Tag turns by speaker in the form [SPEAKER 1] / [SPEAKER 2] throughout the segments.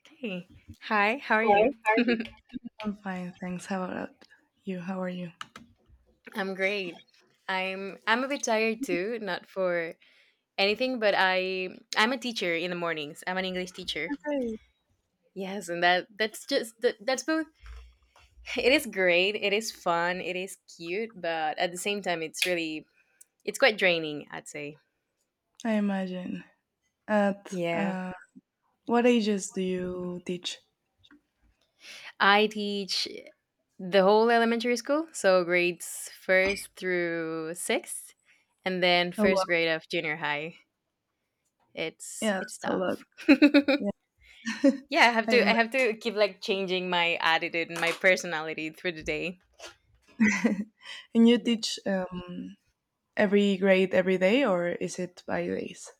[SPEAKER 1] Okay. Hi, how are
[SPEAKER 2] Hi,
[SPEAKER 1] you?
[SPEAKER 2] how are you? I'm fine, thanks. How about you? How are you?
[SPEAKER 1] I'm great. I'm a bit tired too, not for anything, but I'm a teacher in the mornings. I'm an English teacher.
[SPEAKER 2] I'm good.
[SPEAKER 1] Yes, and that's just that's both it is great, it is fun, it is cute, but at the same time it's quite draining, I'd say.
[SPEAKER 2] I imagine. At
[SPEAKER 1] Yeah.
[SPEAKER 2] what ages do you teach?
[SPEAKER 1] I teach the whole elementary school, so grades first through sixth, and then
[SPEAKER 2] Oh,
[SPEAKER 1] first
[SPEAKER 2] wow.
[SPEAKER 1] grade of junior high. It's
[SPEAKER 2] Yeah,
[SPEAKER 1] it's
[SPEAKER 2] that's a lot.
[SPEAKER 1] tough.
[SPEAKER 2] Yeah,
[SPEAKER 1] Yeah, I have to
[SPEAKER 2] I
[SPEAKER 1] I have to keep like changing my attitude and my personality through the day.
[SPEAKER 2] imagine. And you teach
[SPEAKER 1] Yes.
[SPEAKER 2] every grade every day, or is it by days?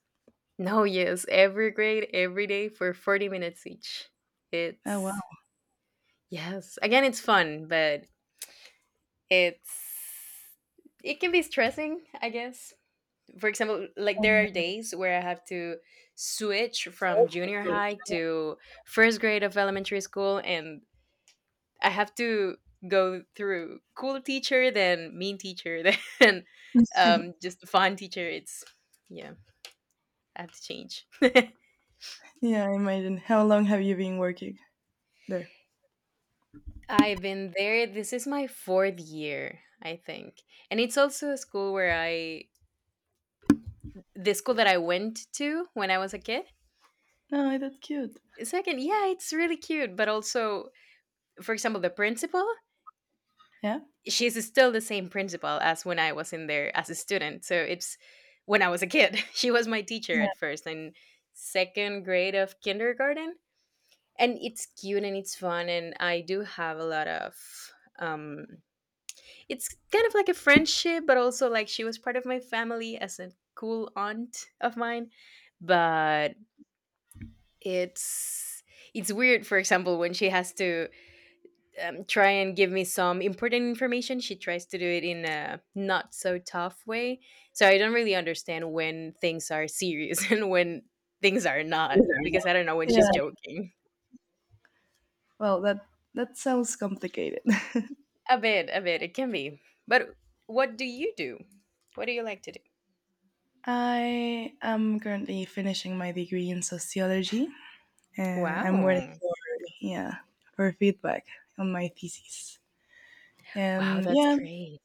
[SPEAKER 1] No, yes, every grade every day for 40 minutes each.
[SPEAKER 2] Oh,
[SPEAKER 1] It's
[SPEAKER 2] wow.
[SPEAKER 1] yes. Again, it's fun, but it's it can be stressing, I guess. For example, like
[SPEAKER 2] I
[SPEAKER 1] there are
[SPEAKER 2] imagine.
[SPEAKER 1] days where I have to switch from junior high to first grade of elementary school and I have to go through cool teacher, then mean teacher, then just fun teacher. It's yeah, I have to change.
[SPEAKER 2] Yeah, I imagine. How long have you been working there?
[SPEAKER 1] I've been there. This is my fourth year, I think, and it's also a school where I the school that I went to when I was a kid.
[SPEAKER 2] Oh, that's cute.
[SPEAKER 1] Second, yeah, it's really cute, but also, for example, the principal.
[SPEAKER 2] Yeah?
[SPEAKER 1] She's still the same principal as when I was in there as a student. So it's when I was a kid. She was my teacher
[SPEAKER 2] Yeah.
[SPEAKER 1] at first and second grade of kindergarten. And it's cute and it's fun. And I do have a lot of, um, it's kind of like a friendship, but also like she was part of my family as a cool aunt of mine. But it's, it's weird, for example, when she has to try and give me some important information. She tries to do it in a not so tough way. So I don't really understand when things are serious and when things are not because I don't know when she's
[SPEAKER 2] Yeah.
[SPEAKER 1] joking.
[SPEAKER 2] Well, that sounds complicated.
[SPEAKER 1] A bit, a bit. It can be. But what do you do? What do you like to do?
[SPEAKER 2] I am currently finishing my degree in sociology, and I'm waiting
[SPEAKER 1] Wow.
[SPEAKER 2] for, yeah, for feedback on my thesis.
[SPEAKER 1] Wow,
[SPEAKER 2] And
[SPEAKER 1] that's
[SPEAKER 2] yeah,
[SPEAKER 1] great.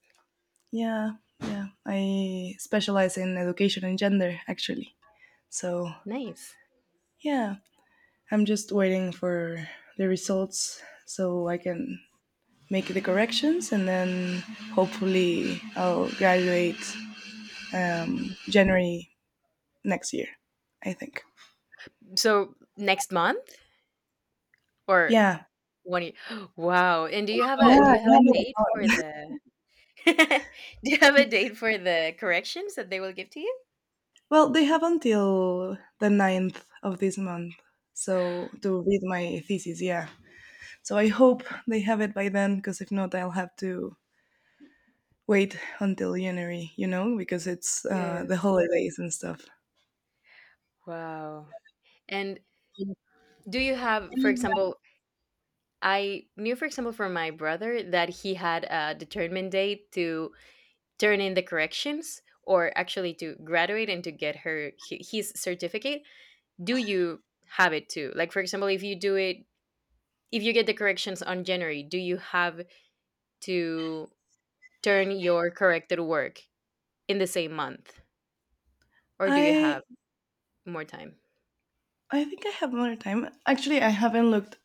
[SPEAKER 2] yeah, yeah. I specialize in education and gender actually. So
[SPEAKER 1] Nice.
[SPEAKER 2] yeah, I'm just waiting for the results so I can make the corrections, and then hopefully I'll graduate January next year. I think.
[SPEAKER 1] So next month or
[SPEAKER 2] Yeah.
[SPEAKER 1] one year? Wow. And do you have a do
[SPEAKER 2] Yeah,
[SPEAKER 1] you have a date for
[SPEAKER 2] yeah.
[SPEAKER 1] the do you have a date for the corrections that they will give to you?
[SPEAKER 2] Well, they have until the ninth of this month, so to read my thesis, yeah. So I hope they have it by then, because if not, I'll have to wait until January, you know, because it's the
[SPEAKER 1] Yes.
[SPEAKER 2] holidays and stuff.
[SPEAKER 1] Wow. And do you have, for example, I knew, for example, from my brother that he had a determined date to turn in the corrections or actually to graduate and to get his certificate. Do you have it too? Like, for example, if you do it, if you get the corrections on January, do you have to turn your corrected work in the same month, or do you
[SPEAKER 2] I
[SPEAKER 1] have more time?
[SPEAKER 2] I think I have more time. Actually, I haven't looked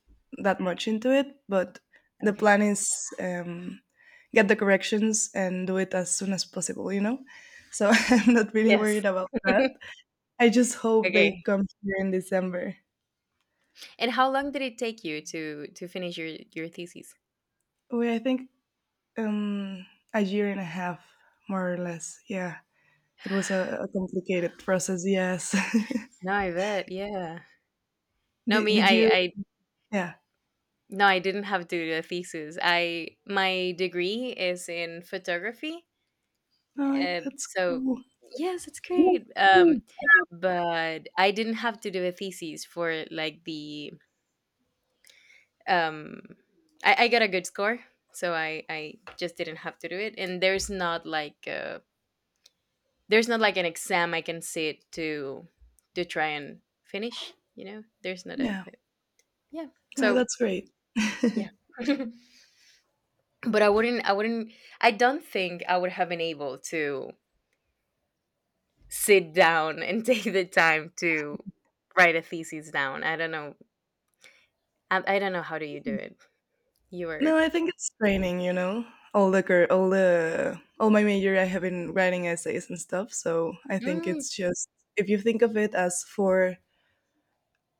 [SPEAKER 2] that much into it, but the
[SPEAKER 1] Okay.
[SPEAKER 2] plan is, um, get the corrections and do it as soon as possible, you know. So I'm not really
[SPEAKER 1] Yes.
[SPEAKER 2] worried about that. I just hope they
[SPEAKER 1] Okay.
[SPEAKER 2] come here in December.
[SPEAKER 1] And how long did it take you to finish your thesis?
[SPEAKER 2] Well, I think um, a year and a half, more or less. Yeah, it was a complicated process. Yes.
[SPEAKER 1] No, I bet. Yeah. No,
[SPEAKER 2] did,
[SPEAKER 1] me,
[SPEAKER 2] did you? Yeah.
[SPEAKER 1] no, I didn't have to do a thesis. I, my degree is in photography.
[SPEAKER 2] No,
[SPEAKER 1] Uh,
[SPEAKER 2] that's
[SPEAKER 1] so
[SPEAKER 2] cool.
[SPEAKER 1] yes, it's great. But I didn't have to do a thesis for like um, I got a good score. So I just didn't have to do it. And there's not like a there's not like an exam I can sit to try and finish. You know, there's not
[SPEAKER 2] Yeah.
[SPEAKER 1] yeah.
[SPEAKER 2] No,
[SPEAKER 1] So
[SPEAKER 2] that's great.
[SPEAKER 1] yeah, but I wouldn't. I wouldn't. I don't think I would have been able to sit down and take the time to write a thesis down. I don't know. I don't know how do you do it. You were.
[SPEAKER 2] No, I think it's training. You know, all the cur- all the all my major, I have been writing essays and stuff. So I think
[SPEAKER 1] Mm,
[SPEAKER 2] it's just, if you think of it as four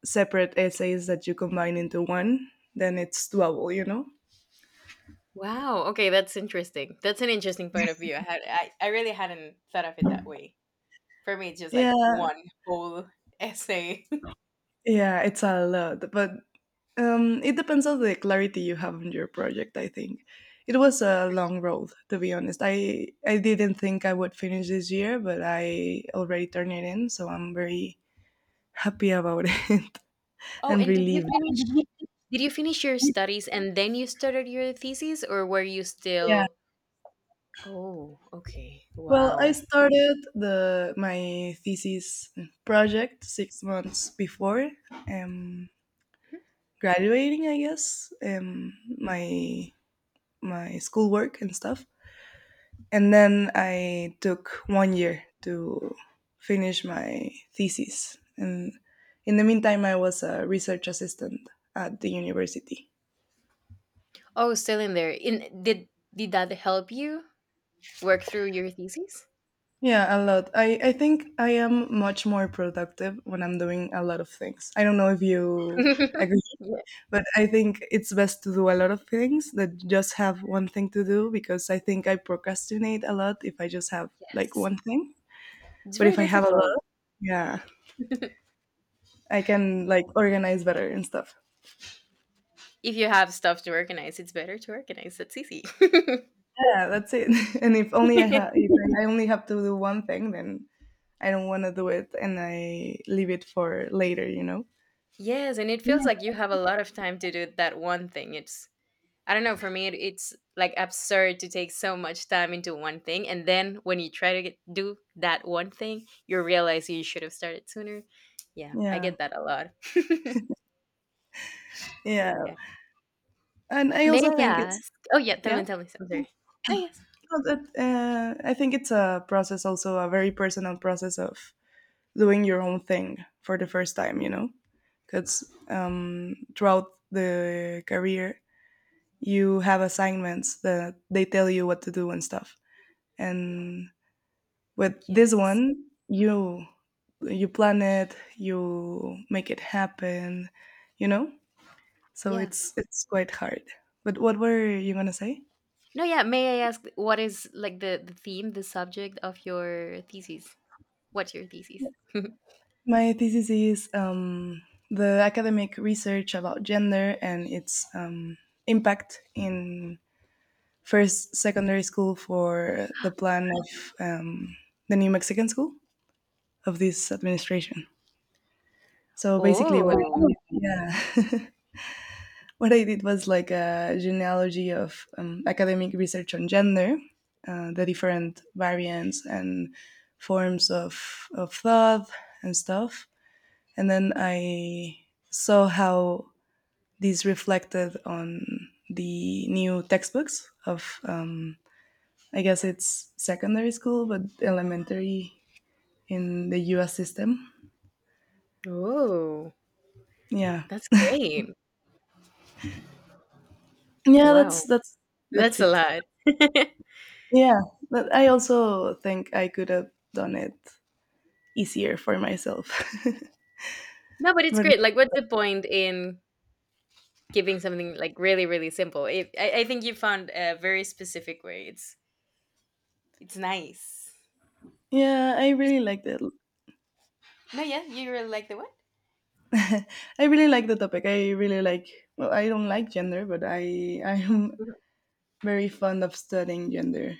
[SPEAKER 2] separate essays that you combine into one, then it's doable. You know.
[SPEAKER 1] wow. Okay, that's interesting. That's an interesting point of view. I had. I really hadn't thought of it that way. For me, it's just like
[SPEAKER 2] Yeah,
[SPEAKER 1] one whole essay.
[SPEAKER 2] yeah, it's a lot, but, it depends on the clarity you have on your project. I think it was a long road, to be honest. I didn't think I would finish this year, but I already turned it in, so I'm very happy about it,
[SPEAKER 1] Oh,
[SPEAKER 2] and
[SPEAKER 1] and
[SPEAKER 2] relieved.
[SPEAKER 1] did you finish your studies and then you started your thesis or were you
[SPEAKER 2] Yeah.
[SPEAKER 1] still Oh, okay.
[SPEAKER 2] Well, I
[SPEAKER 1] Wow.
[SPEAKER 2] started the my thesis project 6 months before um, graduating. I guess, my schoolwork and stuff. And then I took one year to finish my thesis. And in the meantime, I was a research assistant at the university.
[SPEAKER 1] Oh, still in there. In did that help you work through your thesis?
[SPEAKER 2] Yeah, a lot. I think I am much more productive when I'm doing a lot of things. I don't know if you agree,
[SPEAKER 1] Ye-
[SPEAKER 2] but I think it's best to do a lot of things that just have one thing to do, because I think I procrastinate a lot if I just have like
[SPEAKER 1] Yes.
[SPEAKER 2] one thing.
[SPEAKER 1] It's
[SPEAKER 2] But
[SPEAKER 1] very
[SPEAKER 2] if I have a
[SPEAKER 1] difficult.
[SPEAKER 2] lot, yeah,
[SPEAKER 1] If
[SPEAKER 2] I can like organize better and stuff.
[SPEAKER 1] you have stuff to organize, it's better to organize. That's easy.
[SPEAKER 2] Yeah, that's it. And if I only have to do one thing, then I don't want to do it, and I leave it for later. You know.
[SPEAKER 1] Yes, and it feels like you have a lot of time to do that one thing. It's I don't know. For me, it's like absurd to take so much time into one thing, and then when you try to get, do that one thing, you realize you should have started sooner. Yeah, I
[SPEAKER 2] Yeah,
[SPEAKER 1] get that a lot. But
[SPEAKER 2] yeah.
[SPEAKER 1] yeah.
[SPEAKER 2] And I
[SPEAKER 1] May
[SPEAKER 2] also
[SPEAKER 1] I
[SPEAKER 2] think it's,
[SPEAKER 1] ask? Oh yeah, tell
[SPEAKER 2] yeah.
[SPEAKER 1] me, tell me. I'm sorry. No, yes,
[SPEAKER 2] No, I think it's a process, also a very personal process of doing your own thing for the first time. You know, because, throughout the career, you have assignments that they tell you what to do and stuff, and with this
[SPEAKER 1] yes,
[SPEAKER 2] one, you you plan it, you make it happen, you know, so
[SPEAKER 1] yeah.
[SPEAKER 2] it's quite hard, but what were you going to say?
[SPEAKER 1] No, yeah. May I ask what is like the theme, the subject of your thesis? What's your thesis?
[SPEAKER 2] My thesis is, the academic research about gender and its, impact in first secondary school for the plan of, the new Mexican school of this administration. So basically
[SPEAKER 1] Oh,
[SPEAKER 2] yeah, what I did was like a genealogy of, academic research on gender, the different variants and forms of thought and stuff. And then I saw how these reflected on the new textbooks of, I guess it's secondary school, but elementary, in the US system.
[SPEAKER 1] oh,
[SPEAKER 2] Yeah.
[SPEAKER 1] that's great.
[SPEAKER 2] Yeah,
[SPEAKER 1] Wow,
[SPEAKER 2] that's
[SPEAKER 1] that's
[SPEAKER 2] it.
[SPEAKER 1] a lot.
[SPEAKER 2] Yeah. But I also think I could have done it easier for myself.
[SPEAKER 1] No, but it's
[SPEAKER 2] But
[SPEAKER 1] great. Like, what's the point in giving something like really, really simple? It, I think you found a very specific way. It's nice.
[SPEAKER 2] yeah,
[SPEAKER 1] Just- no, yeah, you really like the what?
[SPEAKER 2] I really like the topic. I really like, well, I don't like gender, but I am
[SPEAKER 1] Mhm.
[SPEAKER 2] very fond of studying gender.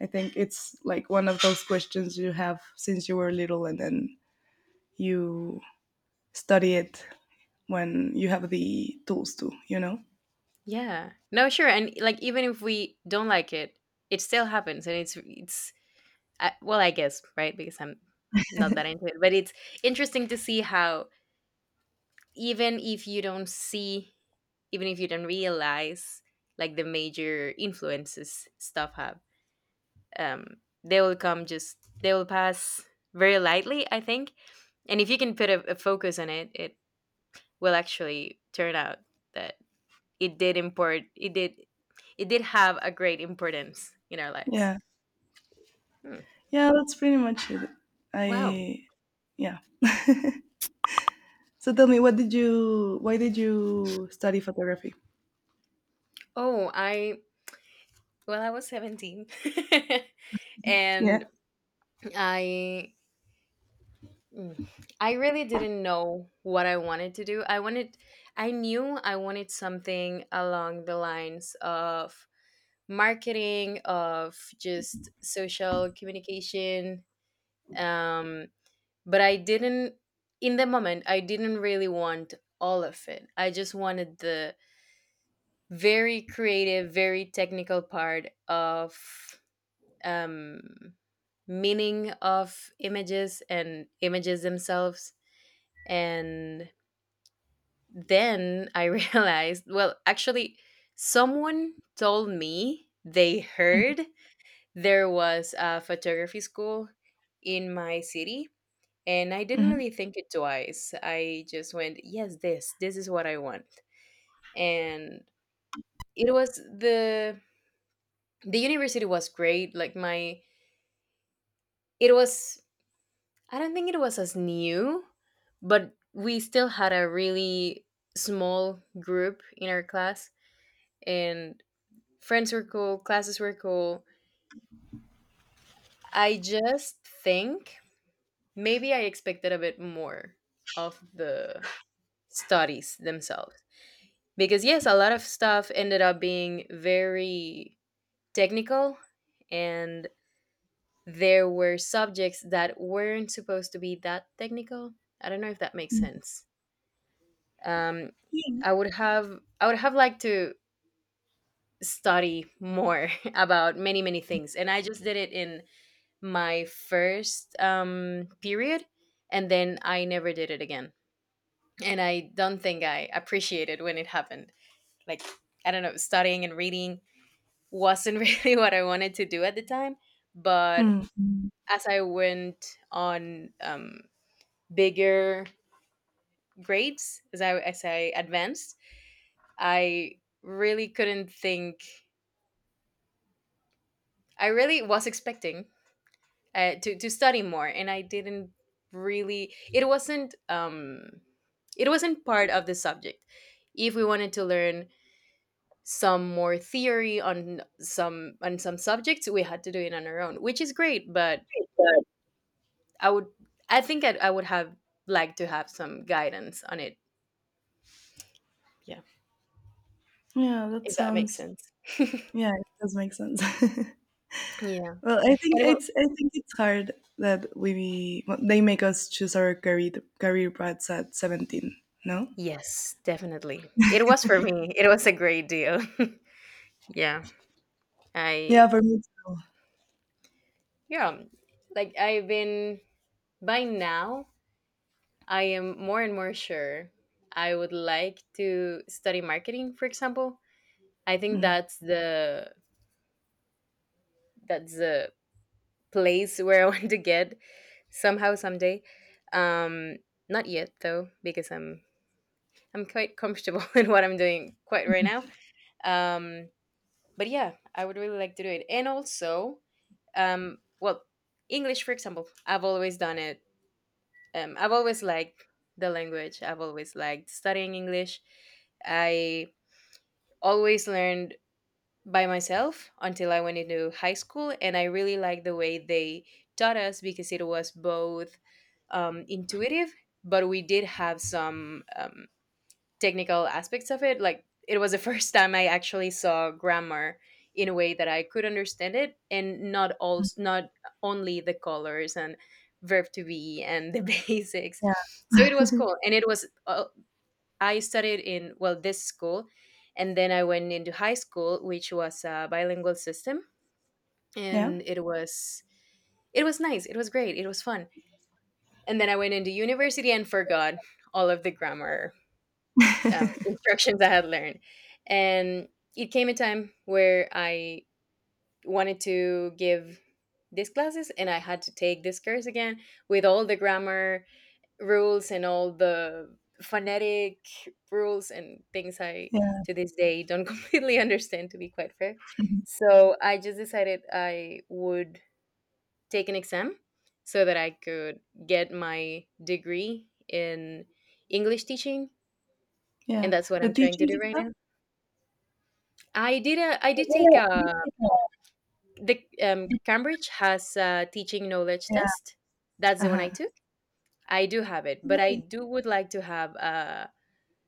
[SPEAKER 2] I think it's like one of those questions you have since you were little, and then you study it when you have the tools to, you know?
[SPEAKER 1] Yeah. No, sure. And like, even if we don't like it still happens, and it's well, I guess right because I'm not that into it, but it's interesting to see how even if you don't see, even if you don't realize like the major influences stuff have. um, they will come just they will pass very lightly, I think, and if you can put a focus on it, it will actually turn out that it did import it did have a great importance in our lives.
[SPEAKER 2] Yeah.
[SPEAKER 1] Hmm.
[SPEAKER 2] Yeah, that's pretty much it.
[SPEAKER 1] Wow.
[SPEAKER 2] I Yeah. So tell me, what did you why did you study photography?
[SPEAKER 1] Oh, I well, I was 17
[SPEAKER 2] Yeah.
[SPEAKER 1] and i mm, I really didn't know what I wanted to do. I wanted I knew I wanted something along the lines of marketing, of just social communication. Um, but I didn't, in the moment, I didn't really want all of it. I just wanted the very creative, very technical part of um, meaning of images and images themselves. And then I realized, well, actually, someone told me they
[SPEAKER 2] Mhm.
[SPEAKER 1] heard there was a photography school in my city, and I didn't really think it twice. I just went yes, this is what I want, and it was the university was great like my it was I don't think it was as new, but we still had a really small group in our class, and friends were cool, classes were cool. I just think maybe I expected a bit more of the studies themselves because yes, a lot of stuff ended up being very technical, and there were subjects that weren't supposed to be that technical. I don't know if that makes
[SPEAKER 2] Mhm.
[SPEAKER 1] sense. um I would have liked to study more about many things, and I just did it in my first period, and then I never did it again, and I don't think I appreciated when it happened. Like, I don't know, studying and reading wasn't really what I wanted to do at the time. But
[SPEAKER 2] Mm. Mm.
[SPEAKER 1] as I went on bigger grades, as I advanced, I really couldn't think. I really was expecting to study more, and I didn't really. It wasn't. It wasn't part of the subject. If we wanted to learn some more theory on some subjects, we had to do it on our own, which is great, but I would I would have liked to have some guidance on it. Yeah,
[SPEAKER 2] Yeah, that
[SPEAKER 1] if that makes
[SPEAKER 2] sounds
[SPEAKER 1] sense.
[SPEAKER 2] Yeah, it does make sense.
[SPEAKER 1] Yeah,
[SPEAKER 2] Well, I think
[SPEAKER 1] and it was,
[SPEAKER 2] it's, hard that we well, they make us choose our career paths at 17, no?
[SPEAKER 1] yes definitely it was for me it was a great deal. Yeah, I
[SPEAKER 2] Yeah, for me too.
[SPEAKER 1] yeah, like I've been by now I am more and more sure I would like to study marketing, for example. I think
[SPEAKER 2] Mm.
[SPEAKER 1] that's the that's a place where I want to get somehow someday. Um, not yet though, because I'm quite comfortable in what I'm doing quite right now. Um, but yeah, I would really like to do it. And also, well, English, for example, I've always done it. I've always liked the language. I've always liked studying English. I always learned by myself until I went into high school, and I really liked the way they taught us because it was both intuitive, but we did have some technical aspects of it. Like it was the first time I actually saw grammar in a way that I could understand it, and not all, not only the colors and verb to be and the basics.
[SPEAKER 2] Yeah.
[SPEAKER 1] So it was cool, and it was I studied in, well, this school, and then I went into high school, which was a bilingual system,
[SPEAKER 2] Yeah.
[SPEAKER 1] and it was nice. It was great. It was fun. And then I went into university and forgot all of the grammar instructions I had learned. And it came a time where I wanted to give these classes and I had to take this course again with all the grammar rules and all the phonetic rules and things I
[SPEAKER 2] Yeah.
[SPEAKER 1] to this day don't completely understand, to be quite fair.
[SPEAKER 2] Mhm.
[SPEAKER 1] So I just decided I would take an exam so that I could get my degree in English teaching, and
[SPEAKER 2] Yeah.
[SPEAKER 1] that's what
[SPEAKER 2] The
[SPEAKER 1] I'm trying to
[SPEAKER 2] teachers'
[SPEAKER 1] do right
[SPEAKER 2] exam?
[SPEAKER 1] now. I did a I did take a the Cambridge has a teaching knowledge
[SPEAKER 2] Yeah.
[SPEAKER 1] test. That's the one
[SPEAKER 2] Uh-huh.
[SPEAKER 1] I took. I do have it, but I
[SPEAKER 2] Right.
[SPEAKER 1] do would like to have a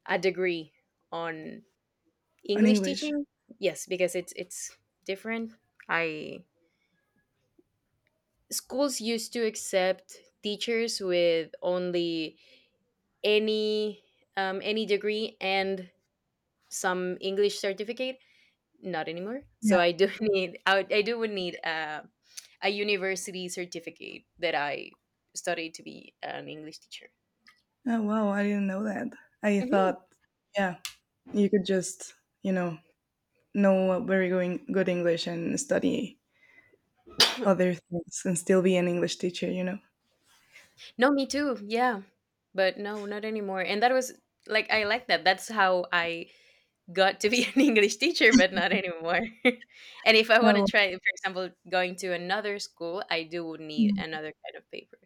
[SPEAKER 1] a degree on
[SPEAKER 2] On
[SPEAKER 1] English
[SPEAKER 2] English.
[SPEAKER 1] teaching, yes, because it's different. I schools used to accept teachers with only any any degree and some English certificate. Not anymore.
[SPEAKER 2] Yeah.
[SPEAKER 1] So I do need I do would need a university certificate that I studied to be an English teacher.
[SPEAKER 2] Oh wow, I didn't know that. I
[SPEAKER 1] Mhm.
[SPEAKER 2] thought, yeah, you could just, you know a very going good English and study other things and still be an English teacher, you know?
[SPEAKER 1] No, me too. Yeah, but no, not anymore. And that was like I like that. That's how I got to be an English teacher, but not anymore. And if I want to
[SPEAKER 2] Oh,
[SPEAKER 1] try, for example, going to another school, I do need
[SPEAKER 2] mhm.
[SPEAKER 1] another kind of paper.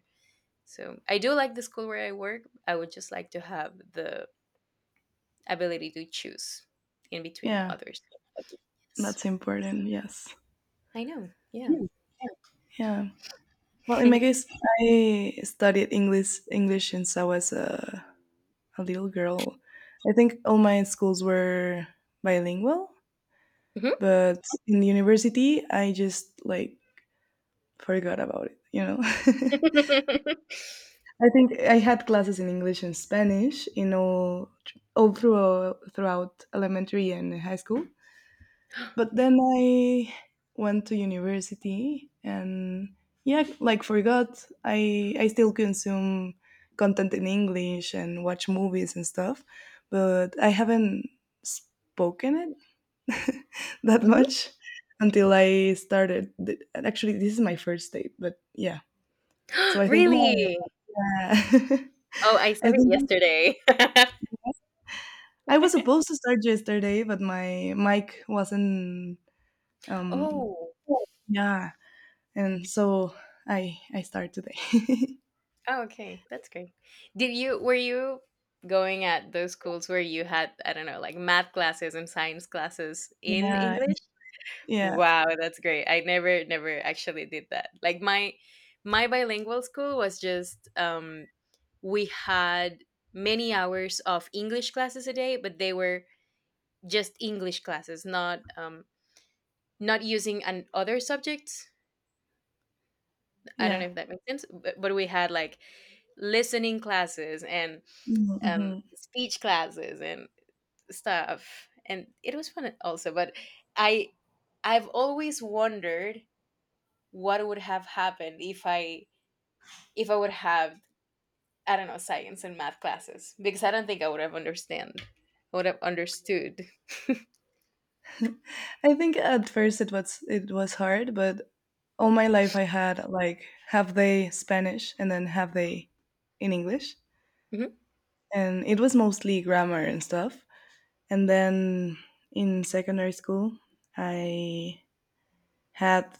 [SPEAKER 1] So I do like the school where I work. I would just like to have the ability to choose in between
[SPEAKER 2] Yeah,
[SPEAKER 1] others. Yes.
[SPEAKER 2] that's important. Yes.
[SPEAKER 1] I know. Yeah.
[SPEAKER 2] Yeah. Well, in my case, I studied English since I was a little girl. I think all my schools were bilingual,
[SPEAKER 1] Mhm.
[SPEAKER 2] but in university, I just, like, forgot about it, you know? I think I had classes in English and Spanish in throughout elementary and high school, but then I went to university and, yeah, like, forgot. I still consume content in English and watch movies and stuff, but I haven't spoken it that
[SPEAKER 1] Mhm.
[SPEAKER 2] much until I started. Actually, this is my first date, but yeah. So I think my
[SPEAKER 1] Really?
[SPEAKER 2] yeah,
[SPEAKER 1] Oh, I saw
[SPEAKER 2] I
[SPEAKER 1] it
[SPEAKER 2] think
[SPEAKER 1] yesterday.
[SPEAKER 2] I was supposed to start yesterday, but my mic wasn't, um
[SPEAKER 1] Oh.
[SPEAKER 2] yeah. And so I start today.
[SPEAKER 1] Oh, okay. That's great. Did you were you going at those schools where you had, I don't know, like math classes and science classes in
[SPEAKER 2] Yeah,
[SPEAKER 1] English?
[SPEAKER 2] yeah,
[SPEAKER 1] Wow, that's great. I never actually did that. Like my bilingual school was just, we had many hours of English classes a day, but they were just English classes, not not using an other subjects. I don't
[SPEAKER 2] yeah.
[SPEAKER 1] know if that makes sense, but we had like listening classes and
[SPEAKER 2] Mhm,
[SPEAKER 1] um,
[SPEAKER 2] mhm.
[SPEAKER 1] speech classes and stuff, and it was fun also. But I, I've always wondered what would have happened if I would have, I don't know, science and math classes, because I don't think I would have understood.
[SPEAKER 2] I think at first it was hard, but all my life I had like half day Spanish and then half day in English,
[SPEAKER 1] Mhm.
[SPEAKER 2] and it was mostly grammar and stuff. And then in secondary school, I had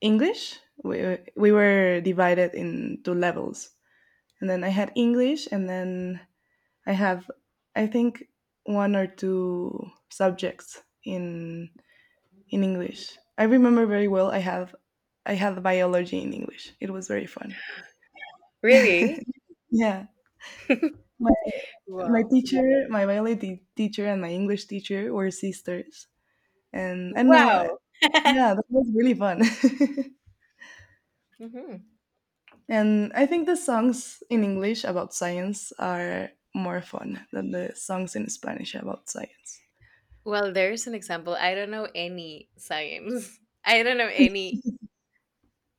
[SPEAKER 2] English. We were divided into levels, and then I had English, and then I have, I think, one or two subjects in English. I remember very well. I had biology in English. It was very fun.
[SPEAKER 1] Really?
[SPEAKER 2] Yeah, my
[SPEAKER 1] Wow!
[SPEAKER 2] my biology teacher and my English teacher were sisters, and I don't know.
[SPEAKER 1] Wow!
[SPEAKER 2] Yeah, that was really fun.
[SPEAKER 1] Hmm.
[SPEAKER 2] And I think the songs in English about science are more fun than the songs in Spanish about science.
[SPEAKER 1] Well, there's an example. I don't know any science. I don't know any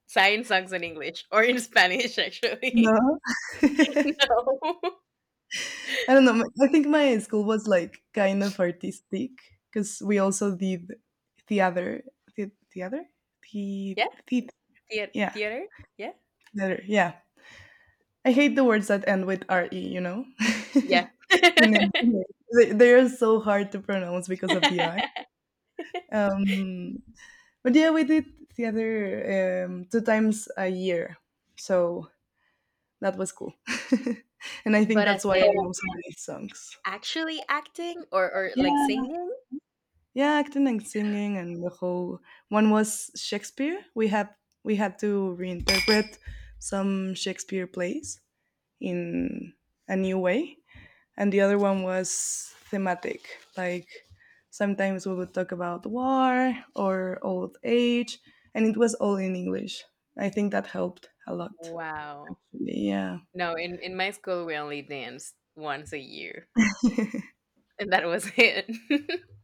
[SPEAKER 1] science songs in English or in Spanish, actually.
[SPEAKER 2] No.
[SPEAKER 1] No.
[SPEAKER 2] I don't know. I think my school was like kind of artistic, because we also did theater, the theater, the,
[SPEAKER 1] Yeah.
[SPEAKER 2] the
[SPEAKER 1] Thea-
[SPEAKER 2] yeah,
[SPEAKER 1] theater? Yeah?
[SPEAKER 2] theater, yeah. I hate the words that end with re. You know,
[SPEAKER 1] Yeah.
[SPEAKER 2] in English, they are so hard to pronounce because of the I. Um, but yeah, we did theater, two times a year, so that was cool. And I think
[SPEAKER 1] But as
[SPEAKER 2] that's why I
[SPEAKER 1] in
[SPEAKER 2] know so many songs.
[SPEAKER 1] actually acting or like
[SPEAKER 2] Yeah,
[SPEAKER 1] singing?
[SPEAKER 2] yeah, acting and singing, and the whole one was Shakespeare. We had to reinterpret some Shakespeare plays in a new way. And the other one was thematic. Like, sometimes we would talk about war or old age, and it was all in English. I think that helped a lot.
[SPEAKER 1] Wow.
[SPEAKER 2] Yeah.
[SPEAKER 1] No, in my school, we only danced once a year, and that was it.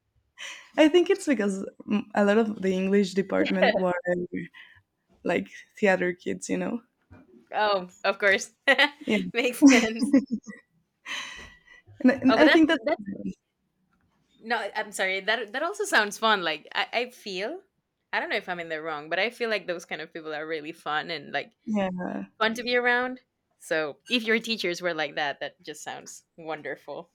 [SPEAKER 2] I think it's because, a lot of the English
[SPEAKER 1] Yeah.
[SPEAKER 2] department were like theater kids, you know.
[SPEAKER 1] Oh, of course,
[SPEAKER 2] Yeah.
[SPEAKER 1] makes sense.
[SPEAKER 2] And
[SPEAKER 1] Oh, but
[SPEAKER 2] I
[SPEAKER 1] that's
[SPEAKER 2] think that.
[SPEAKER 1] that's no. I'm sorry. That also sounds fun. Like I feel, I don't know if I'm in the wrong, but I feel like those kind of people are really fun and like
[SPEAKER 2] Yeah,
[SPEAKER 1] fun to be around. So if your teachers were like that, that just sounds wonderful.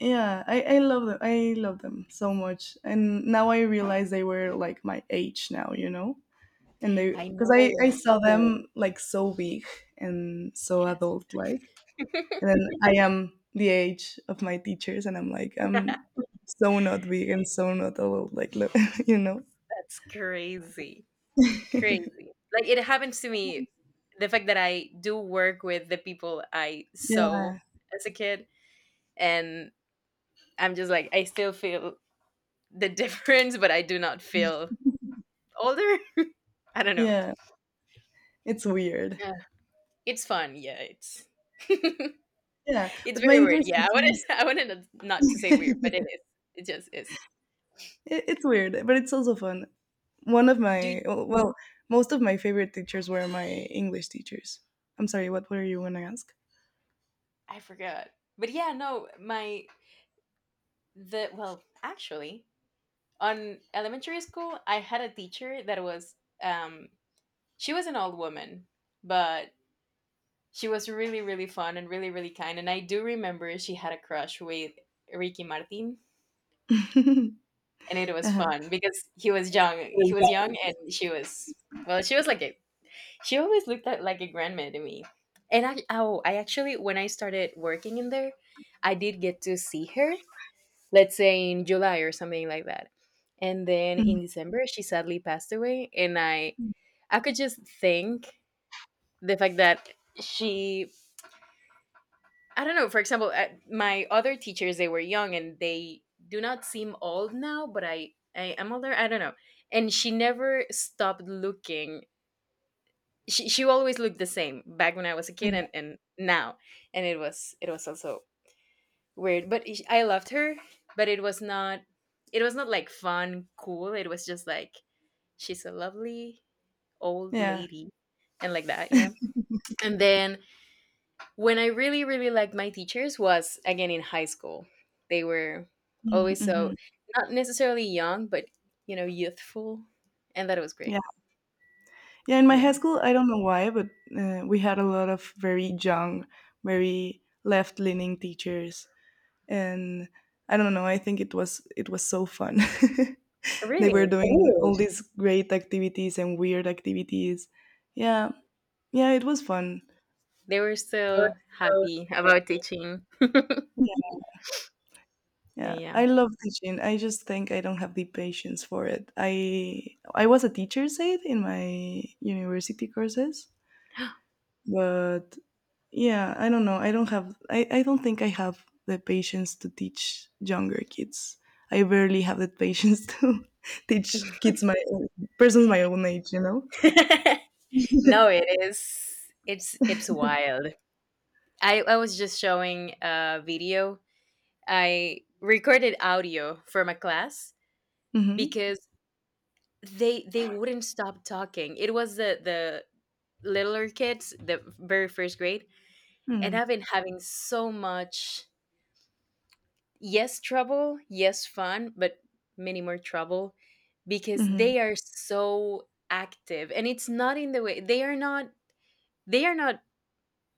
[SPEAKER 2] yeah, I love them. I love them so much. And now I realize they were like my age now, you know? And
[SPEAKER 1] I
[SPEAKER 2] because I
[SPEAKER 1] know.
[SPEAKER 2] saw them like so big and so
[SPEAKER 1] Yes.
[SPEAKER 2] adult like. And then I am the age of my teachers, and I'm like, I'm so not big and so not adult like, look, you know?
[SPEAKER 1] That's crazy. Crazy. Like it happens to me the fact that I do work with the people I
[SPEAKER 2] Yeah,
[SPEAKER 1] saw as a kid, and I'm just like, I still feel the difference, but I do not feel older. I don't know.
[SPEAKER 2] yeah, it's weird.
[SPEAKER 1] Yeah. It's fun. Yeah, it's
[SPEAKER 2] Yeah,
[SPEAKER 1] it's
[SPEAKER 2] but my
[SPEAKER 1] very weird.
[SPEAKER 2] English
[SPEAKER 1] Yeah, I wanted
[SPEAKER 2] teachers.
[SPEAKER 1] I wanted not to say weird, but it is. It just is.
[SPEAKER 2] It's weird, but it's also fun. One of
[SPEAKER 1] Do
[SPEAKER 2] my Well, most of my favorite teachers were my English teachers. I'm sorry, what were you gonna ask?
[SPEAKER 1] I forgot. But yeah, no, my the well, actually, on elementary school, I had a teacher that was um she was an old woman, but she was really really fun and really really kind, and I do remember she had a crush with Ricky Martin, and it was
[SPEAKER 2] Uh-huh.
[SPEAKER 1] fun because he was young, he was young, and she was well, she always looked at like a grandma to me. And I actually, when I started working in there, I did get to see her, let's say in July or something like that. And then
[SPEAKER 2] Mhm.
[SPEAKER 1] in December, she sadly passed away. And I could just think the fact that she, I don't know, for example, my other teachers, they were young and they do not seem old now, but I am older. I don't know. And she never stopped looking. She always looked the same back when I was a kid,
[SPEAKER 2] Yeah.
[SPEAKER 1] and now. And it was also weird, but I loved her, but it was not like fun cool, it was just like, she's a lovely old
[SPEAKER 2] Yeah.
[SPEAKER 1] lady, and like that. Yeah. And then when I really really liked my teachers was again in high school. They were
[SPEAKER 2] Mhm,
[SPEAKER 1] always so
[SPEAKER 2] mhm.
[SPEAKER 1] not necessarily young but, youthful, and that was
[SPEAKER 2] Yeah.
[SPEAKER 1] great.
[SPEAKER 2] Yeah, in my high
[SPEAKER 1] Yeah.
[SPEAKER 2] school, I don't know why, but, we had a lot of very young, very left-leaning teachers, and I don't know. I think it was so fun. They
[SPEAKER 1] Really?
[SPEAKER 2] were doing all, ooh, these great activities and weird activities. Yeah, yeah, it was fun.
[SPEAKER 1] They were so happy about teaching.
[SPEAKER 2] Yeah. Yeah,
[SPEAKER 1] Yeah,
[SPEAKER 2] I love teaching. I just think I don't have the patience for it. I was a teacher's aide in my university courses, but yeah, I don't know. I don't think I have the patience to teach younger kids. I barely have the patience to teach kids my persons my own age, you know?
[SPEAKER 1] yeah. No, it is, it's wild. I was just showing a video. I recorded audio from a class
[SPEAKER 2] Mm-hmm.
[SPEAKER 1] because they wouldn't stop talking. It was the littler kids, the very first grade, and
[SPEAKER 2] Mm-hmm.
[SPEAKER 1] I've been having so much, yes, trouble, yes, fun, but many more trouble because
[SPEAKER 2] Mm-hmm.
[SPEAKER 1] they are so active, and it's not in the way, they are not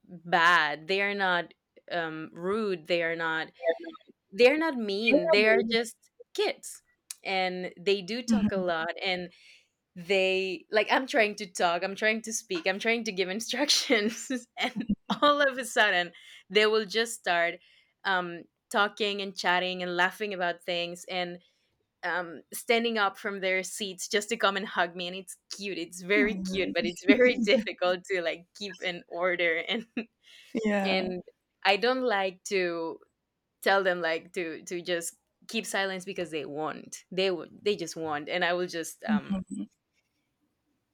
[SPEAKER 1] bad, they are not rude, they are not, they're not mean, they're just kids. And they do talk a lot, and they like, I'm trying to talk, I'm trying to speak, I'm trying to give instructions, and all of a sudden they will just start um talking and chatting and laughing about things, and standing up from their seats just to come and hug me, and it's cute, it's very cute, but
[SPEAKER 2] Hmm.
[SPEAKER 1] it's very difficult to like keep an order. and
[SPEAKER 2] Yeah.
[SPEAKER 1] and I don't like to tell them, like, to just keep silence because they won't. They will. They just won't, and I will just.
[SPEAKER 2] Mm-hmm.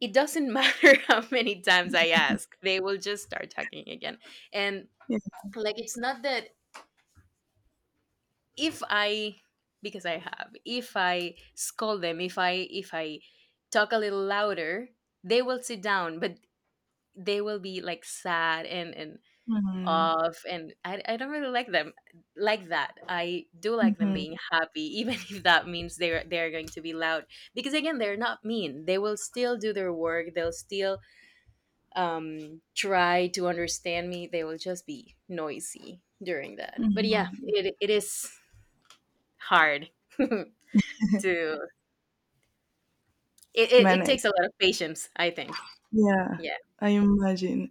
[SPEAKER 1] It doesn't matter how many times I ask, they will just start talking again. And
[SPEAKER 2] Yeah.
[SPEAKER 1] like it's not that if I, because I have, if I scold them, if I talk a little louder, they will sit down, but they will be like sad and
[SPEAKER 2] Mm-hmm.
[SPEAKER 1] off, and I don't really like them like that. I do like them
[SPEAKER 2] Mm-hmm.
[SPEAKER 1] being happy even if that means they're going to be loud, because again, they're not mean, they will still do their work, they'll still try to understand me, they will just be noisy during that. But
[SPEAKER 2] Mm-hmm.
[SPEAKER 1] yeah, it is hard to, it
[SPEAKER 2] Man,
[SPEAKER 1] takes a lot of patience, I think.
[SPEAKER 2] yeah,
[SPEAKER 1] Yeah.
[SPEAKER 2] I imagine.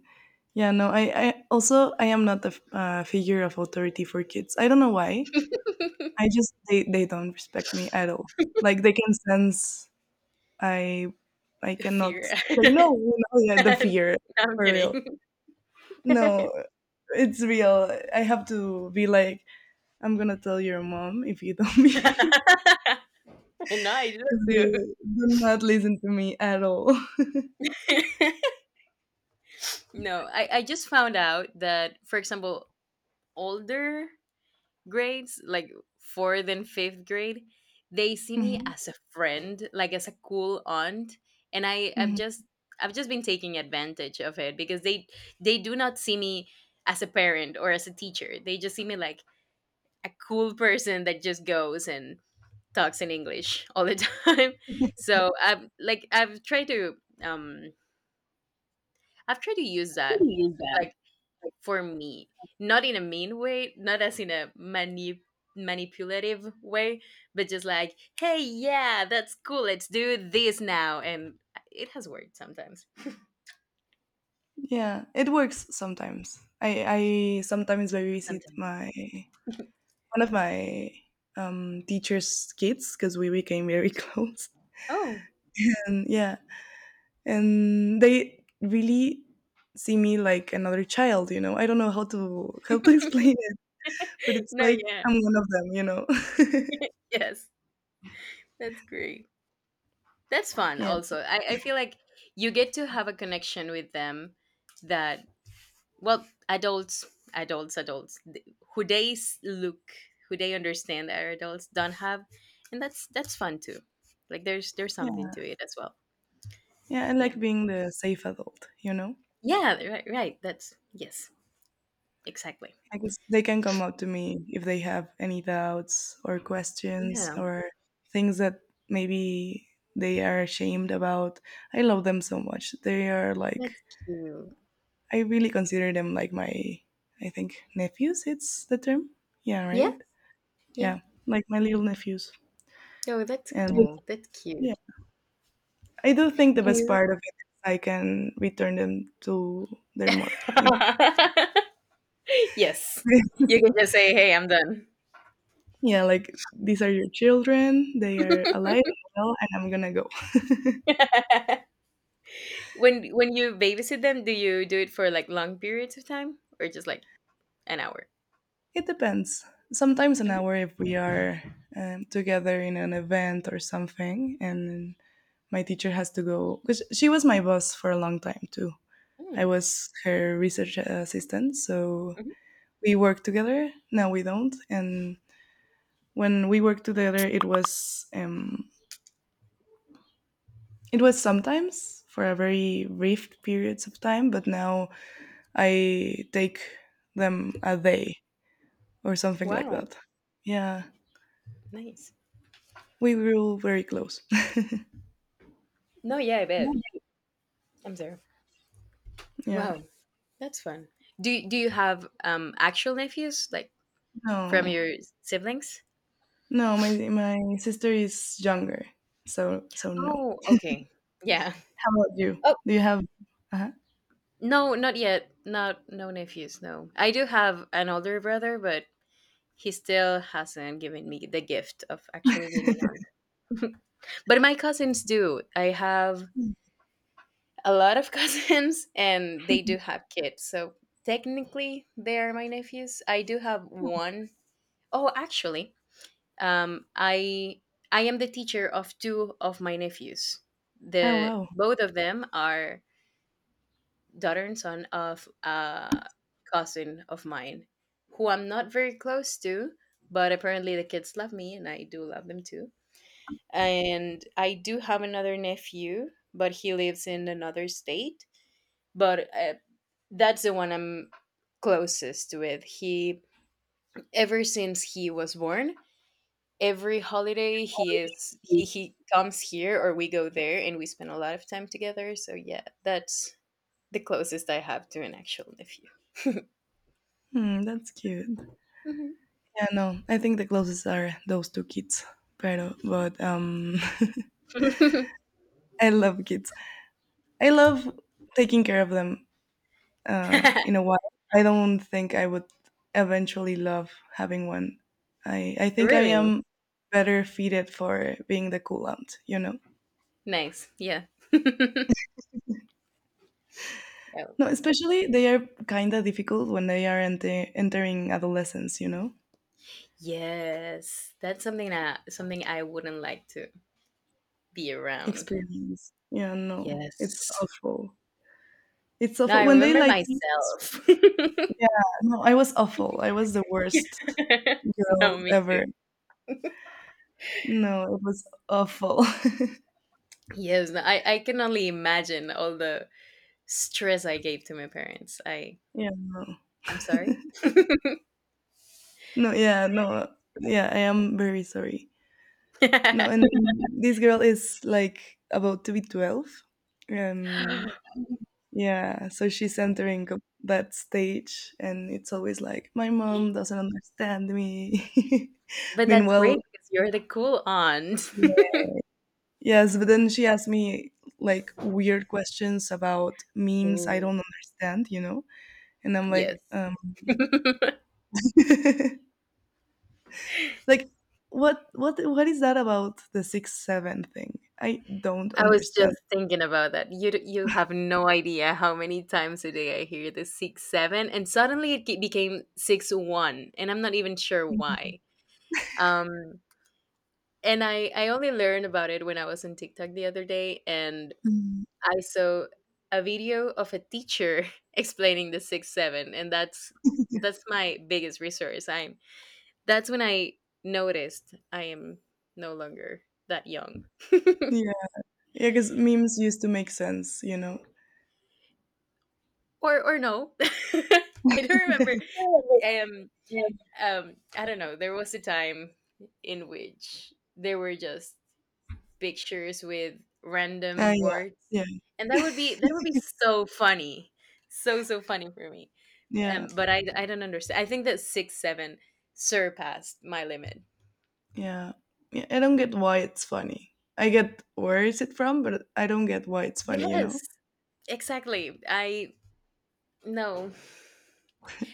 [SPEAKER 2] Yeah, no, I am not a figure of authority for kids. I don't know why. I just they don't respect me at all. Like they can sense I I cannot
[SPEAKER 1] Fear.
[SPEAKER 2] say no. You know, yeah, the
[SPEAKER 1] No,
[SPEAKER 2] fear
[SPEAKER 1] I'm
[SPEAKER 2] for real.
[SPEAKER 1] kidding.
[SPEAKER 2] No, it's real. I have to be like I'm gonna tell your mom if you don't behave
[SPEAKER 1] And no, I do
[SPEAKER 2] because
[SPEAKER 1] that
[SPEAKER 2] they do not listen to me at all.
[SPEAKER 1] too. No, I just found out that, for example, older grades, like fourth and fifth grade, they see me
[SPEAKER 2] hmm
[SPEAKER 1] as a friend, like as a cool aunt. And
[SPEAKER 2] hmm
[SPEAKER 1] I've just been taking advantage of it because they do not see me as a parent or as a teacher. They just see me like a cool person that just goes and talks in English all the time. So I've like, um I've tried to use that,
[SPEAKER 2] Actually, that.
[SPEAKER 1] like for me, not in a mean way, not as in a manipulative way, but just like, hey, yeah, that's cool, let's do this now, and it has worked sometimes.
[SPEAKER 2] Yeah, it works sometimes. I sometimes babysit
[SPEAKER 1] Sometimes.
[SPEAKER 2] my one of my teacher's kids because we became very close.
[SPEAKER 1] Oh.
[SPEAKER 2] And yeah, and they really see me like another child, you know. I don't know how to explain it, but it's
[SPEAKER 1] No.
[SPEAKER 2] like
[SPEAKER 1] Yeah.
[SPEAKER 2] I'm one of them, you know.
[SPEAKER 1] Yes, that's great. That's fun
[SPEAKER 2] yeah.
[SPEAKER 1] also. I feel like you get to have a connection with them that, well, adults, look who they understand are adults don't have. And that's fun too, like there's something
[SPEAKER 2] Yeah.
[SPEAKER 1] to it as well.
[SPEAKER 2] Yeah, I
[SPEAKER 1] Yeah.
[SPEAKER 2] like being the safe adult, you know.
[SPEAKER 1] Yeah, right, right, that's, yes, exactly.
[SPEAKER 2] I guess they can come up to me if they have any doubts or questions
[SPEAKER 1] Yeah,
[SPEAKER 2] or things that maybe they are ashamed about. I love them so much. They are like
[SPEAKER 1] that's cute.
[SPEAKER 2] I really consider them like my I think nephews it's the term. Yeah,
[SPEAKER 1] Yeah,
[SPEAKER 2] right?
[SPEAKER 1] yeah.
[SPEAKER 2] Yeah. Like my little nephews.
[SPEAKER 1] Oh, that's
[SPEAKER 2] And
[SPEAKER 1] cool. That's cute.
[SPEAKER 2] yeah. I do think the
[SPEAKER 1] Do
[SPEAKER 2] best
[SPEAKER 1] you?
[SPEAKER 2] part of it is I can return them to their mother, you know.
[SPEAKER 1] Yes, you can just say, hey, I'm done.
[SPEAKER 2] yeah, like these are your children, they are alive and well and I'm gonna go.
[SPEAKER 1] When you babysit them, do you do it for like long periods of time or just like an hour?
[SPEAKER 2] It depends. Sometimes an
[SPEAKER 1] Mhm.
[SPEAKER 2] hour if we are together in an event or something, and my teacher has to go because she was my boss for a long time too. I
[SPEAKER 1] Mm,
[SPEAKER 2] was her research assistant, so
[SPEAKER 1] mhm.
[SPEAKER 2] we work together. Now we don't, and when we worked together, it was sometimes for a very brief periods of time, but now I take them a day or something like
[SPEAKER 1] Wow,
[SPEAKER 2] that. Yeah,
[SPEAKER 1] nice.
[SPEAKER 2] we grew very close.
[SPEAKER 1] No, yeah, I bet. I'm there.
[SPEAKER 2] Yeah.
[SPEAKER 1] Wow, that's fun. Do you have actual nephews like from
[SPEAKER 2] No.
[SPEAKER 1] your siblings?
[SPEAKER 2] No, my sister is younger. So no.
[SPEAKER 1] Oh, okay. Yeah.
[SPEAKER 2] How about you?
[SPEAKER 1] Oh,
[SPEAKER 2] Do you have uh
[SPEAKER 1] no, not yet. Not no nephews, no. I do have an older brother, but he still hasn't given me the gift of actually being an aunt. But my cousins do. I have a lot of cousins and they do have kids. So technically they are my nephews. I do have one. Oh, actually, um, I I am the teacher of two of my nephews.
[SPEAKER 2] Oh
[SPEAKER 1] The
[SPEAKER 2] wow.
[SPEAKER 1] both of them are daughter and son of a cousin of mine, who I'm not very close to, but apparently the kids love me, and I do love them too. And I do have another nephew, but he lives in another state. But that's the one I'm closest with. He, ever since he was born, every holiday he is he comes here, or we go there and we spend a lot of time together, so yeah, that's the closest I have to an actual nephew.
[SPEAKER 2] Hmm, that's cute.
[SPEAKER 1] Mhm.
[SPEAKER 2] Yeah, no. I think the closest are those two kids. Pero but I love kids. I love taking care of them in a while. I don't think I would eventually love having one. I think I
[SPEAKER 1] Really?
[SPEAKER 2] am better fitted for being the cool aunt, you know.
[SPEAKER 1] Nice, yeah.
[SPEAKER 2] No,
[SPEAKER 1] Oh,
[SPEAKER 2] especially they are kind of difficult when they are entering adolescence, you know?
[SPEAKER 1] yes, that's something that something I wouldn't like to be around.
[SPEAKER 2] Experience. Yeah, no, it's
[SPEAKER 1] Yes,
[SPEAKER 2] awful. It's
[SPEAKER 1] now
[SPEAKER 2] awful.
[SPEAKER 1] I
[SPEAKER 2] When they
[SPEAKER 1] remember
[SPEAKER 2] like you, it's,
[SPEAKER 1] myself.
[SPEAKER 2] yeah, no, I was awful. I was the worst girl
[SPEAKER 1] no, me too.
[SPEAKER 2] ever. No, it was awful.
[SPEAKER 1] Yes, no, I can only imagine all the stress I gave to my parents.
[SPEAKER 2] yeah, no.
[SPEAKER 1] I'm sorry?
[SPEAKER 2] no, yeah, no. Yeah, I am very sorry. No, and this girl is like about to be 12. And yeah, so she's entering that stage, and it's always like, my mom doesn't understand me.
[SPEAKER 1] But that's
[SPEAKER 2] Meanwhile,
[SPEAKER 1] great because you're the cool aunt.
[SPEAKER 2] yes, but then she asked me like weird questions about memes I
[SPEAKER 1] Oh
[SPEAKER 2] don't understand, you know? And I'm
[SPEAKER 1] yes.
[SPEAKER 2] like,
[SPEAKER 1] I
[SPEAKER 2] like, what is that about the six, seven thing? I don't
[SPEAKER 1] was just
[SPEAKER 2] understand.
[SPEAKER 1] thinking about that. You have no idea how many times a day I hear the 6, 7, and suddenly it ge became 6, 1, and I'm not even sure why. Um, and I only learned about it when I was on TikTok the other day, and
[SPEAKER 2] Mm.
[SPEAKER 1] I saw a video of a teacher explaining the 6, 7, and that's my biggest resource. I'm That's when I noticed I am no longer that young.
[SPEAKER 2] Yeah, because memes used to make sense, you know.
[SPEAKER 1] Or no. I don't remember. Um
[SPEAKER 2] Yeah.
[SPEAKER 1] um, I don't know. There was a time in which there were just pictures with
[SPEAKER 2] Uh,
[SPEAKER 1] random
[SPEAKER 2] yeah,
[SPEAKER 1] words.
[SPEAKER 2] yeah,
[SPEAKER 1] And that would be so funny. So funny for me.
[SPEAKER 2] yeah,
[SPEAKER 1] Um, but I don't understand. I think that 6-7 surpassed my limit.
[SPEAKER 2] yeah, yeah. I don't get why it's funny. I get where is it from, but I don't get why it's funny. You know.
[SPEAKER 1] Yes, exactly. I no.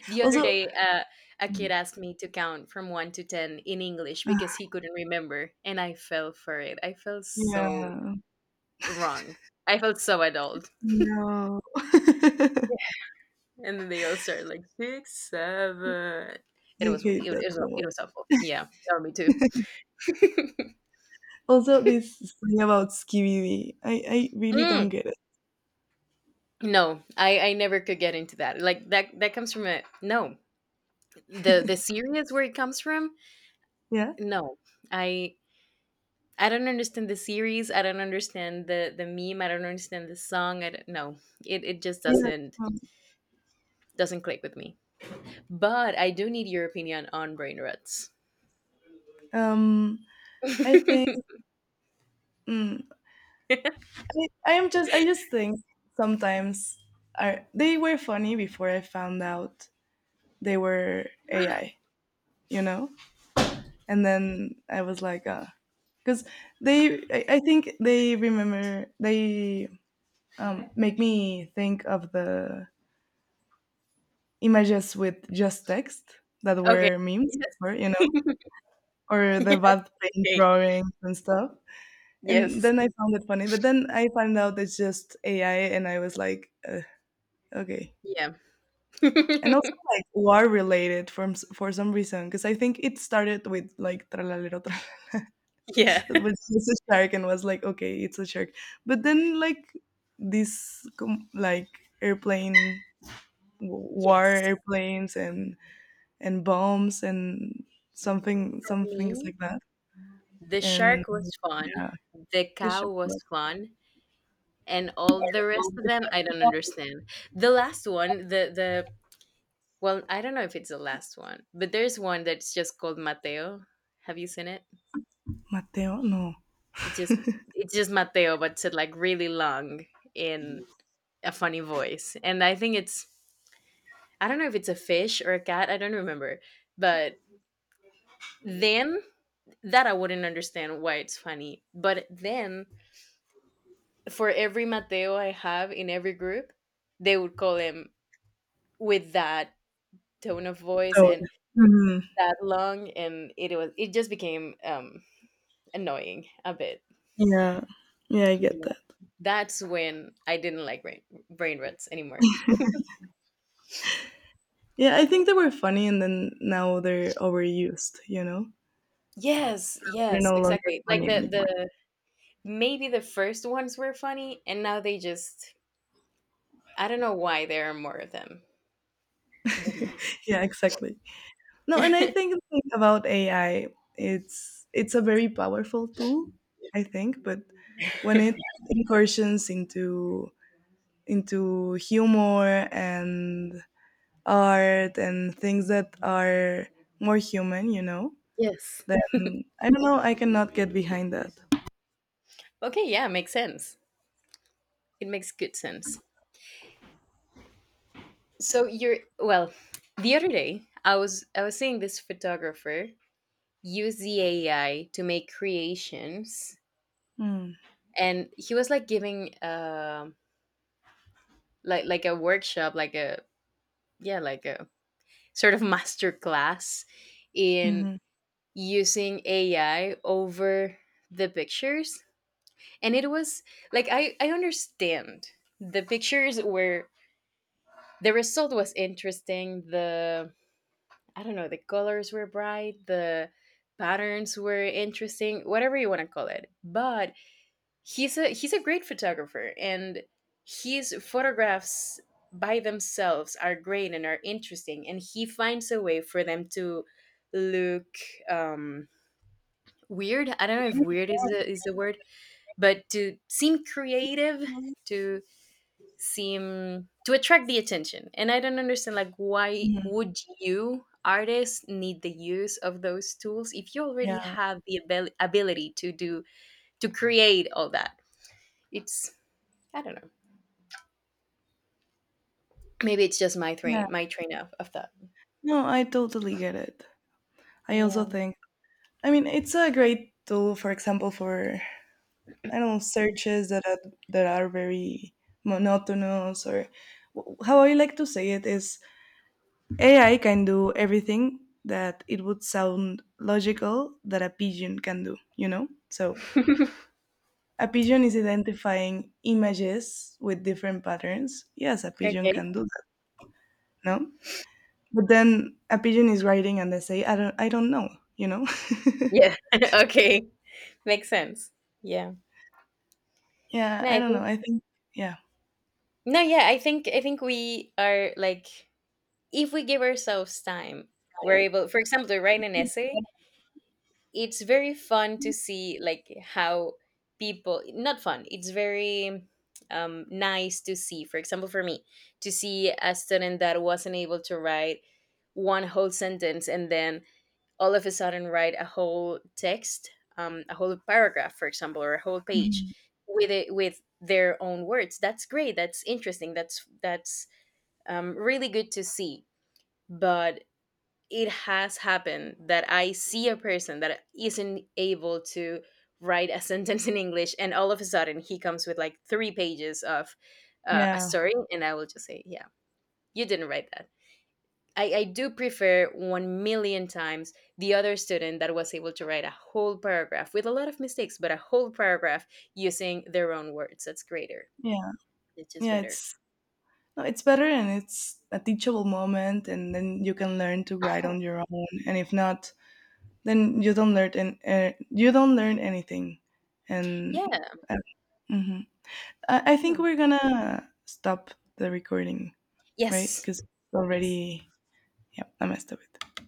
[SPEAKER 1] The other
[SPEAKER 2] Also,
[SPEAKER 1] day, a kid asked me to count from one to 10 in English because he couldn't remember, and I fell for it. I felt so
[SPEAKER 2] yeah,
[SPEAKER 1] wrong. I felt so adult.
[SPEAKER 2] no, I
[SPEAKER 1] And then they all started like six, seven. It was it,
[SPEAKER 2] hate that
[SPEAKER 1] was
[SPEAKER 2] so much.
[SPEAKER 1] it was awful. Yeah, that me too.
[SPEAKER 2] Also, this thing about Skibidi, I really
[SPEAKER 1] Mm,
[SPEAKER 2] don't get it.
[SPEAKER 1] no, I never could get into that. Like that comes from a no. The series where it comes from.
[SPEAKER 2] Yeah,
[SPEAKER 1] No, I I don't understand the series. I don't understand the meme. I don't understand the song. I don't know. It just
[SPEAKER 2] yeah.
[SPEAKER 1] doesn't click with me. But I do need your opinion on brain ruts.
[SPEAKER 2] Um, I think. mm, I am just I just think sometimes are they were funny before I found out they were AI, you know? And then I was like, because they I think they make me think of the images with just text that
[SPEAKER 1] okay.
[SPEAKER 2] were memes or you know,
[SPEAKER 1] Yes.
[SPEAKER 2] or
[SPEAKER 1] Yeah,
[SPEAKER 2] the bad paint
[SPEAKER 1] okay.
[SPEAKER 2] drawings and stuff. And
[SPEAKER 1] Yes.
[SPEAKER 2] then I found it funny, but then I found out it's just AI, and I was like, okay.
[SPEAKER 1] Yeah.
[SPEAKER 2] And also like war related from for some reason because I think it started with like tralalero
[SPEAKER 1] yeah.
[SPEAKER 2] that was just a shark and was like okay it's a shark but then like like airplane w- war
[SPEAKER 1] Yes.
[SPEAKER 2] airplanes and bombs and
[SPEAKER 1] For
[SPEAKER 2] some things
[SPEAKER 1] me,
[SPEAKER 2] like that
[SPEAKER 1] the
[SPEAKER 2] and
[SPEAKER 1] shark was fun.
[SPEAKER 2] yeah
[SPEAKER 1] The
[SPEAKER 2] the shark
[SPEAKER 1] cow was
[SPEAKER 2] was
[SPEAKER 1] fun. And all the rest of them, I don't understand. The last one, the Well, I don't know if it's the last one, but there's one that's just called Mateo. Have you seen it?
[SPEAKER 2] Mateo no.
[SPEAKER 1] It's just it's just Mateo, but said like really long in a funny voice. And I think it's I don't know if it's a fish or a cat, I don't remember. But then that I wouldn't understand why it's funny. But then for every Mateo I have in every group, they would call him with that tone of voice
[SPEAKER 2] Oh,
[SPEAKER 1] and
[SPEAKER 2] mhm.
[SPEAKER 1] that long, and it just became annoying a bit.
[SPEAKER 2] Yeah, yeah, I
[SPEAKER 1] But
[SPEAKER 2] get
[SPEAKER 1] yeah.
[SPEAKER 2] that.
[SPEAKER 1] That's when I didn't like brain rats anymore.
[SPEAKER 2] Yeah, I think they were funny and then now they're overused, you know.
[SPEAKER 1] Yes,
[SPEAKER 2] They're
[SPEAKER 1] yes,
[SPEAKER 2] no longer
[SPEAKER 1] exactly. Like
[SPEAKER 2] funny anymore.
[SPEAKER 1] the maybe the first ones were funny and now they just I don't know why there are more of them. But yeah.
[SPEAKER 2] Yeah, exactly. No, and I think the thing about AI, it's a very powerful tool, I think, but when it incursions into humor and art and things that are more human, you know,
[SPEAKER 1] yes.
[SPEAKER 2] then I don't know, I cannot get behind that.
[SPEAKER 1] Okay, yeah, makes sense. It makes good sense. So you're Well, the other day I was seeing this photographer use the AI to make creations,
[SPEAKER 2] Mm.
[SPEAKER 1] and he was like giving like a workshop, like a yeah like a sort of master class in
[SPEAKER 2] Hmm.
[SPEAKER 1] using AI over the pictures, and it was like I understand the pictures were the result was interesting. The I don't know, the colors were bright, the patterns were interesting, whatever you want to call it. But he's a great photographer, and his photographs by themselves are great and are interesting, and he finds a way for them to look um weird. I don't know if weird is the word, but to seem creative, to seem to attract the attention. And I don't understand, like, why
[SPEAKER 2] Mhm.
[SPEAKER 1] would you artists need the use of those tools if you already
[SPEAKER 2] Yeah.
[SPEAKER 1] have the ability to do to create all that. It's I don't know. Maybe it's just my
[SPEAKER 2] Yeah.
[SPEAKER 1] my train of thought.
[SPEAKER 2] No, I totally get it. I also
[SPEAKER 1] Yeah.
[SPEAKER 2] think, I mean, it's a great tool, for example, for I don't know, searches that are very monotonous or how I like to say it is AI can do everything that it would sound logical that a pigeon can do, you know? So a pigeon is identifying images with different patterns. Yes, a pigeon
[SPEAKER 1] okay.
[SPEAKER 2] can do that, no? But then a pigeon is writing and they say, I don't know, you know?
[SPEAKER 1] Yeah. okay. Makes sense. Yeah.
[SPEAKER 2] yeah,
[SPEAKER 1] No,
[SPEAKER 2] I
[SPEAKER 1] I
[SPEAKER 2] don't know.
[SPEAKER 1] think
[SPEAKER 2] I think yeah.
[SPEAKER 1] No, yeah, I think we are like if we give ourselves time, we're able for example to write an essay. It's very fun to see like how people not fun, it's very nice to see, for example for me, to see a student that wasn't able to write one whole sentence and then all of a sudden write a whole text, a whole paragraph, for example, or a whole page
[SPEAKER 2] Mhm.
[SPEAKER 1] with it with their own words. That's great. That's interesting. That's really good to see. But it has happened that I see a person that isn't able to write a sentence in English, and all of a sudden he comes with like 3 pages of a
[SPEAKER 2] Yeah.
[SPEAKER 1] story, and I will just say, "Yeah, you didn't write that." I do prefer 1 million times the other student that was able to write a whole paragraph with a lot of mistakes, but a whole paragraph using their own words. That's greater.
[SPEAKER 2] Yeah.
[SPEAKER 1] It's just
[SPEAKER 2] Yeah.
[SPEAKER 1] better.
[SPEAKER 2] It's no, it's better and it's a teachable moment, and then you can learn to write on your own. And if not, then you don't learn and you don't learn anything. And
[SPEAKER 1] Yeah. I
[SPEAKER 2] uh, mhm. I
[SPEAKER 1] don't
[SPEAKER 2] think
[SPEAKER 1] know.
[SPEAKER 2] we're gonna stop the recording, right?
[SPEAKER 1] Yes.
[SPEAKER 2] Because
[SPEAKER 1] Yes.
[SPEAKER 2] already, yeah, I messed up. It.